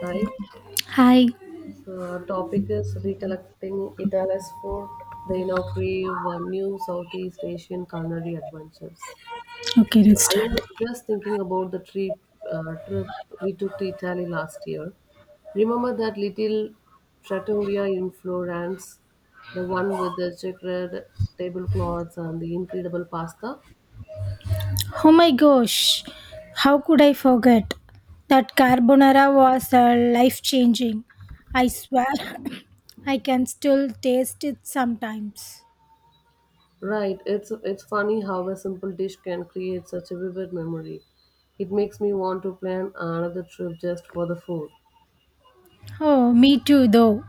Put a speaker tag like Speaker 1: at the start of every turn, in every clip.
Speaker 1: Hi.
Speaker 2: Hi.
Speaker 1: So our topic is recollecting Italy's food. They now crave new Southeast Asian culinary adventures.
Speaker 2: Okay,
Speaker 1: So
Speaker 2: let's
Speaker 1: I
Speaker 2: start.
Speaker 1: was just thinking about the trip uh, trip we took to Italy last year. Remember that little trattoria in Florence, the one with the checkered tablecloths and the incredible pasta?
Speaker 2: Oh my gosh, how could I forget? That carbonara was life changing. I swear, I can still taste it sometimes.
Speaker 1: Right, it's funny how a simple dish can create such a vivid memory. It makes me want to plan another trip just for the food.
Speaker 2: Oh, me too, though.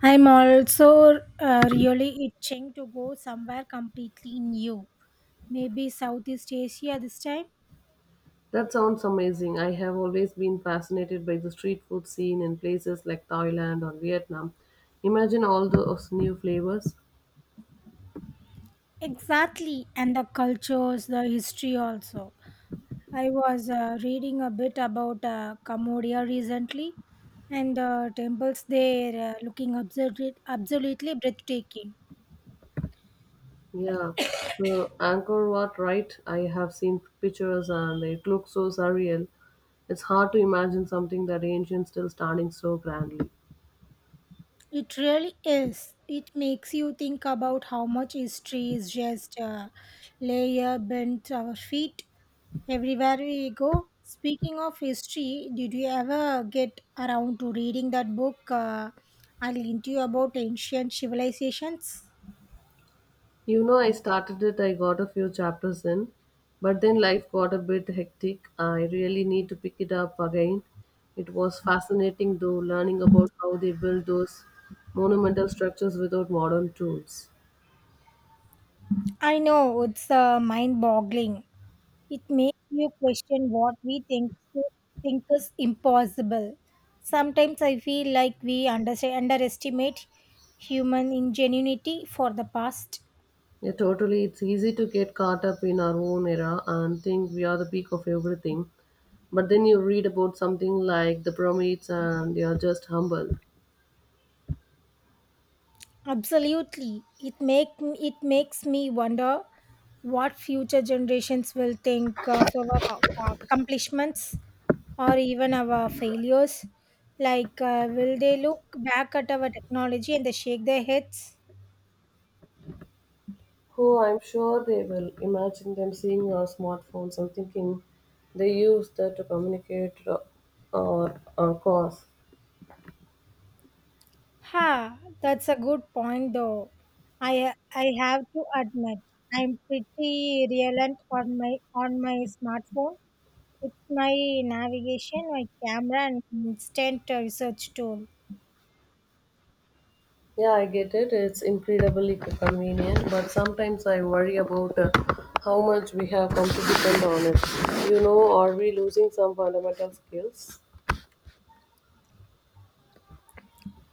Speaker 2: I'm also really itching to go somewhere completely new. Maybe Southeast Asia this time?
Speaker 1: That sounds amazing. I have always been fascinated by the street food scene in places like Thailand or Vietnam. Imagine all those new flavors.
Speaker 2: Exactly, and the cultures, the history also. I was reading a bit about Cambodia recently, and the temples there looking absolutely breathtaking.
Speaker 1: Yeah. So Angkor Wat, right? I have seen pictures and they look so surreal. It's hard to imagine something that ancient still standing so grandly.
Speaker 2: It really is. It makes you think about how much history is just layer bent our feet everywhere we go. Speaking of history, did you ever get around to reading that book I linked you about ancient civilizations?
Speaker 1: You know, I started it, I got a few chapters in, but then life got a bit hectic. I really need to pick it up again. It was fascinating, though, learning about how they built those monumental structures without modern tools.
Speaker 2: I know it's mind-boggling. It makes you question what we think is impossible. Sometimes I feel like we underestimate human ingenuity for the past.
Speaker 1: Yeah, totally. It's easy to get caught up in our own era and think we are the peak of everything. But then you read about something like the pyramids and you're just humble.
Speaker 2: Absolutely, it makes me wonder what future generations will think of our accomplishments or even our failures. Like, will they look back at our technology and they shake their heads?
Speaker 1: Oh, I'm sure they will. Imagine them seeing our smartphones and thinking they use that to communicate or cause.
Speaker 2: Ha, that's a good point though. I have to admit I'm pretty reliant on my smartphone. It's my navigation, my camera, and instant research tool.
Speaker 1: Yeah, I get it. It's incredibly convenient, but sometimes I worry about how much we have come to depend on it. You know, are we losing some fundamental skills?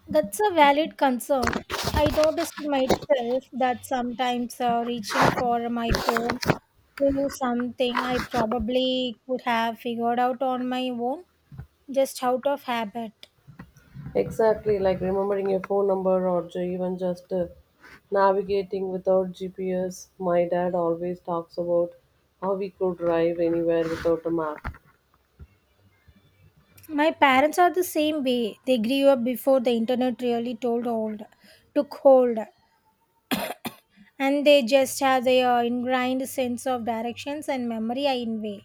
Speaker 2: That's a valid concern. I noticed myself that sometimes reaching for my phone to do something I probably could have figured out on my own, just out of habit.
Speaker 1: Exactly, like remembering your phone number or even just navigating without GPS. My dad always talks about how we could drive anywhere without a map.
Speaker 2: My parents are the same way. They grew up before the internet took hold, and they just have their ingrained sense of directions and memory in way.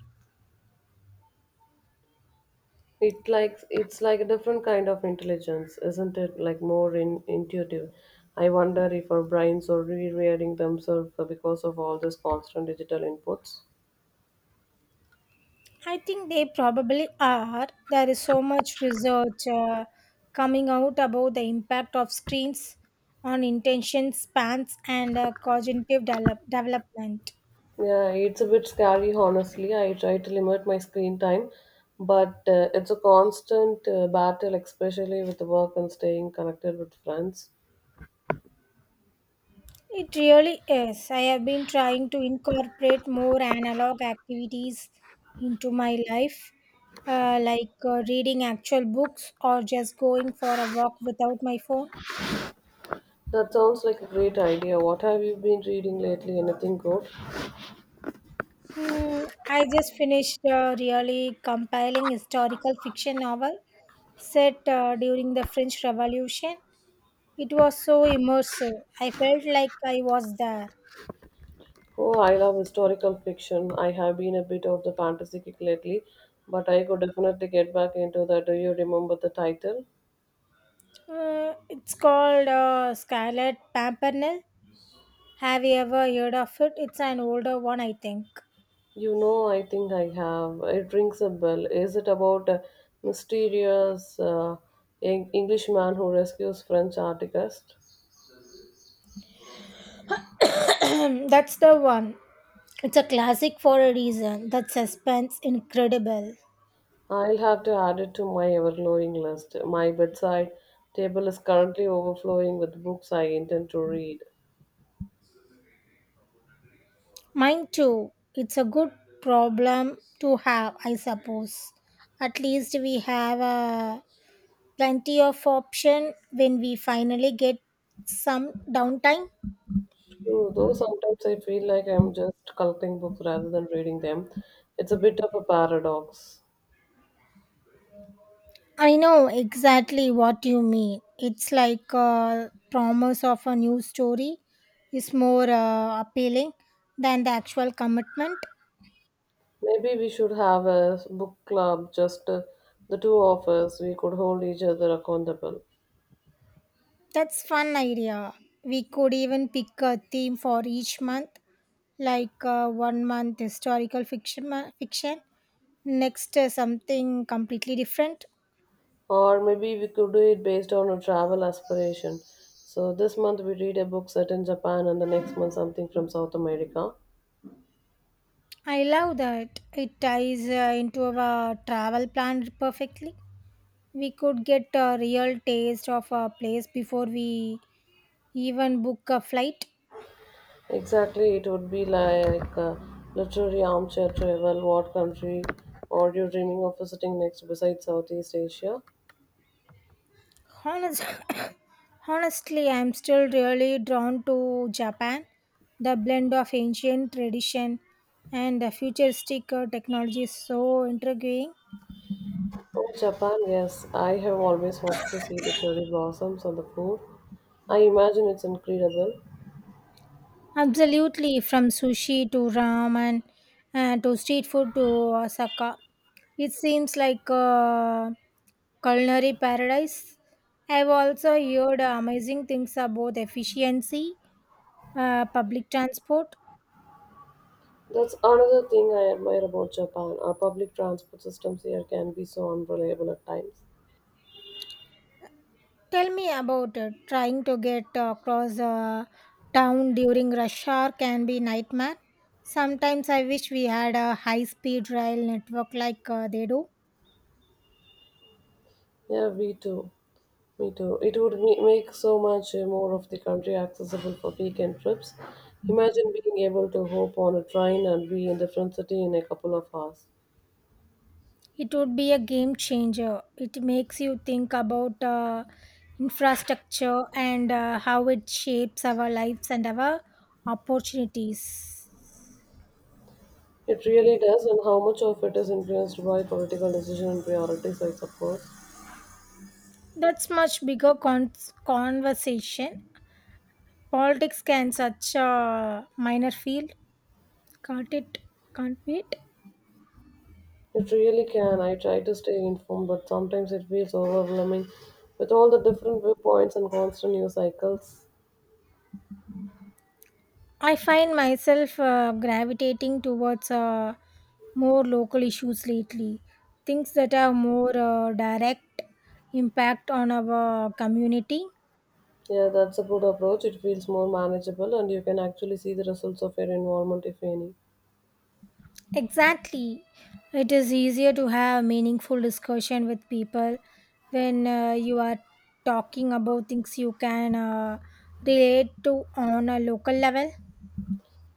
Speaker 1: It's like a different kind of intelligence, isn't it? Like more intuitive. I wonder if our brains are rewiring themselves because of all this constant digital inputs.
Speaker 2: I think they probably are. There is so much research coming out about the impact of screens on intention spans and cognitive development.
Speaker 1: Yeah, it's a bit scary, honestly. I try to limit my screen time, but it's a constant battle, especially with work and staying connected with friends.
Speaker 2: It really is. I have been trying to incorporate more analog activities into my life, like reading actual books or just going for a walk without my phone.
Speaker 1: That sounds like a great idea. What have you been reading lately? Anything good?
Speaker 2: Hmm, I just finished a really compiling historical fiction novel set during the French Revolution. It was so immersive. I felt like I was there.
Speaker 1: Oh, I love historical fiction. I have been a bit of the fantasy kick lately, but I could definitely get back into that. Do you remember the title?
Speaker 2: It's called Scarlet Pimpernel. Have you ever heard of it? It's an older one, I think.
Speaker 1: You know, I think I have. It rings a bell. Is it about a mysterious Englishman who rescues French artist?
Speaker 2: Hmm, that's the one. It's a classic for a reason. That suspense incredible.
Speaker 1: I'll have to add it to my ever-growing list. My bedside table is currently overflowing with books I intend to read.
Speaker 2: Mine too. It's a good problem to have, I suppose. At least we have plenty of option when we finally get some downtime.
Speaker 1: True, though sometimes I feel like I'm just collecting books rather than reading them. It's a bit of a paradox.
Speaker 2: I know exactly what you mean. It's like a promise of a new story is more appealing than the actual commitment.
Speaker 1: Maybe we should have a book club, just the two of us. We could hold each other accountable.
Speaker 2: That's fun idea. We could even pick a theme for each month, like one month historical fiction, next something completely different.
Speaker 1: Or maybe we could do it based on a travel aspiration. So this month we read a book set in Japan and the next month something from South America.
Speaker 2: I love that. It ties into our travel plan perfectly. We could get a real taste of a place before we even book a flight.
Speaker 1: Exactly, it would be like a literary armchair travel. What country are you dreaming of visiting next besides Southeast Asia?
Speaker 2: Honest, honestly, I'm still really drawn to Japan. The blend of ancient tradition and the futuristic technology is so intriguing.
Speaker 1: Oh, Japan, yes. I have always wanted to see the cherry blossoms on the food. I imagine it's incredible.
Speaker 2: Absolutely, from sushi to ramen and to street food to Osaka. It seems like a culinary paradise. I've also heard amazing things about efficiency, public transport.
Speaker 1: That's another thing I admire about Japan. Our public transport systems here can be so unreliable at times.
Speaker 2: Tell me about it. Trying to get across town during rush hour can be nightmare. Sometimes I wish we had a high-speed rail network like they do.
Speaker 1: Yeah, me too. Me too. It would make so much more of the country accessible for weekend trips. Imagine being able to hop on a train and be in different city in a couple of hours.
Speaker 2: It would be a game changer. It makes you think about infrastructure and how it shapes our lives and our opportunities.
Speaker 1: It really does, and how much of it is influenced by political decision and priorities, I suppose.
Speaker 2: That's much bigger conversation. Politics can such a minor field. Can't it? Can't it?
Speaker 1: It really can. I try to stay informed, but sometimes it feels overwhelming with all the different viewpoints and constant news cycles.
Speaker 2: I find myself gravitating towards more local issues lately, things that have more direct impact on our community.
Speaker 1: Yeah, that's a good approach. It feels more manageable and you can actually see the results of your involvement, if any.
Speaker 2: Exactly. It is easier to have meaningful discussion with people when you are talking about things you can relate to on a local level.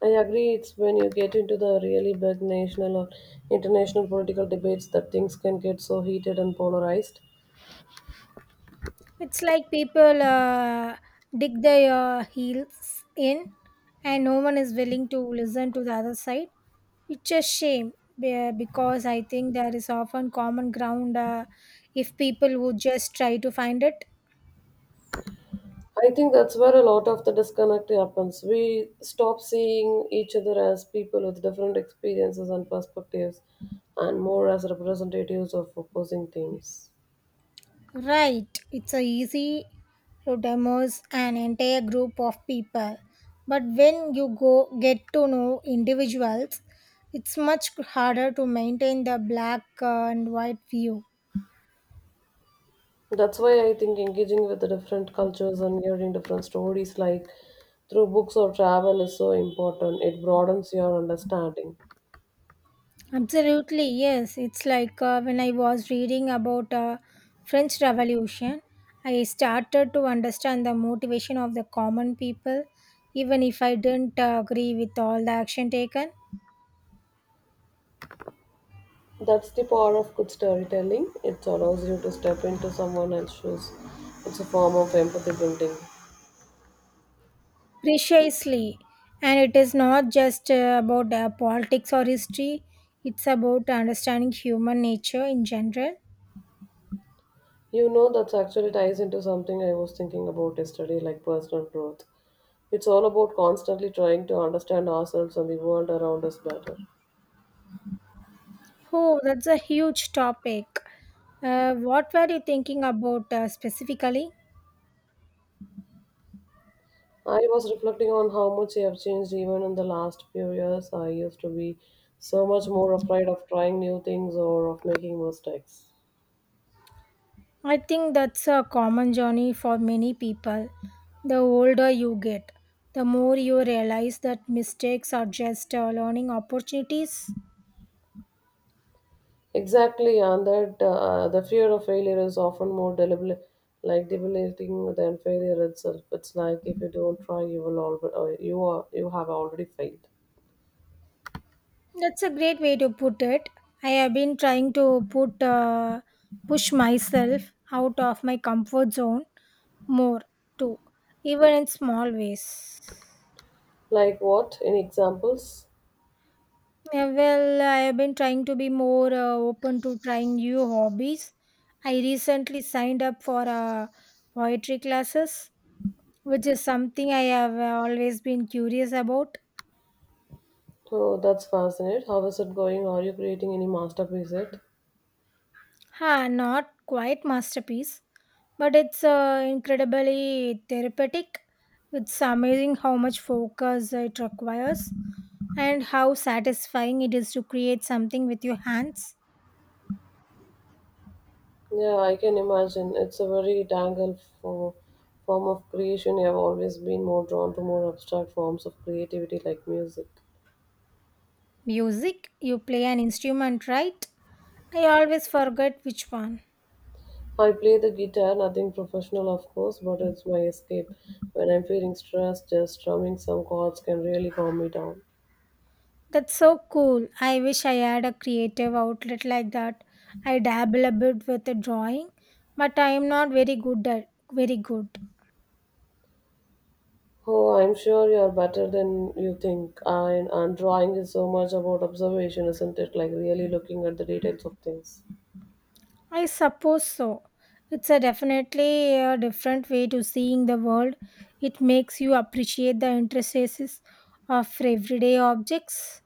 Speaker 1: I agree, it's when you get into the really big national or international political debates that things can get so heated and polarized.
Speaker 2: It's like people dig their heels in, and no one is willing to listen to the other side. It's a shame because I think there is often common ground if people would just try to find it.
Speaker 1: I think that's where a lot of the disconnect happens. We stop seeing each other as people with different experiences and perspectives, and more as representatives of opposing teams.
Speaker 2: Right, it's a easy to demos an entire group of people, but when you go get to know individuals, it's much harder to maintain the black and white view.
Speaker 1: That's why I think engaging with the different cultures and hearing different stories, like through books or travel, is so important. It broadens your understanding.
Speaker 2: Absolutely, yes. It's like when I was reading about French Revolution, I started to understand the motivation of the common people, even if I didn't agree with all the action taken.
Speaker 1: That's the power of good storytelling. It allows you to step into someone else's shoes. It's a form of empathy building.
Speaker 2: Precisely, and it is not just about politics or history; it's about understanding human nature in general.
Speaker 1: You know, that's actually ties into something I was thinking about yesterday, like personal growth. It's all about constantly trying to understand ourselves and the world around us better.
Speaker 2: Oh, that's a huge topic. What were you thinking about specifically?
Speaker 1: I was reflecting on how much I have changed even in the last few years. I used to be so much more afraid of trying new things or of making mistakes.
Speaker 2: I think that's a common journey for many people. The older you get, the more you realize that mistakes are just learning opportunities.
Speaker 1: Exactly, and that the fear of failure is often more debilitating than failure itself. It's like if you don't try, you will already you are you have already failed.
Speaker 2: That's a great way to put it. I have been trying to put push myself out of my comfort zone more too, even in small ways.
Speaker 1: Like what? Any examples?
Speaker 2: Yeah, well, I have been trying to be more open to trying new hobbies. I recently signed up for poetry classes, which is something I have always been curious about.
Speaker 1: Oh, that's fascinating. How is it going? Are you creating any masterpiece yet?
Speaker 2: Ha, not quite masterpiece, but it's incredibly therapeutic. It's amazing how much focus it requires and how satisfying it is to create something with your hands.
Speaker 1: Yeah, I can imagine. It's a very form of creation. I've always been more drawn to more abstract forms of creativity like music.
Speaker 2: Music, you play an instrument, right? I always forget which one.
Speaker 1: I play the guitar, nothing professional, of course, but it's my escape. When I'm feeling stressed, just strumming some chords can really calm me down.
Speaker 2: That's so cool. I wish I had a creative outlet like that. I dabble a bit with the drawing, but I am not very good at very good.
Speaker 1: Oh, I'm sure you're better than you think. And drawing is so much about observation, isn't it? Like really looking at the details of things.
Speaker 2: I suppose so. It's a definitely a different way to seeing the world. It makes you appreciate the intricacies of everyday objects.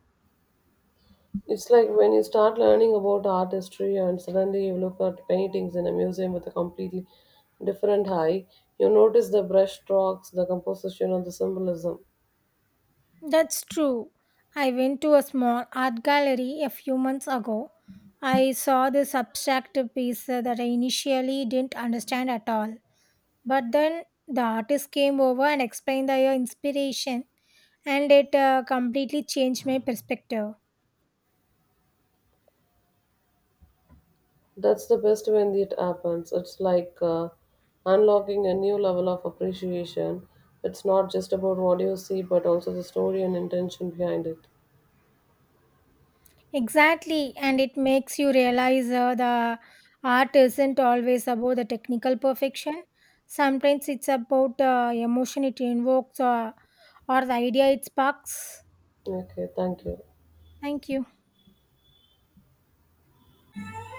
Speaker 1: It's like when you start learning about art history and suddenly you look at paintings in a museum with a completely different eye, you notice the brush strokes, the composition, and the symbolism.
Speaker 2: That's true. I went to a small art gallery a few months ago. I saw this abstract piece that I initially didn't understand at all. But then the artist came over and explained their inspiration, and it completely changed my perspective.
Speaker 1: That's the best when it happens. It's like unlocking a new level of appreciation. It's not just about what you see, but also the story and intention behind it.
Speaker 2: Exactly, and it makes you realize the art isn't always about the technical perfection. Sometimes it's about the emotion it invokes or the idea it sparks.
Speaker 1: Okay, thank you.
Speaker 2: Thank you.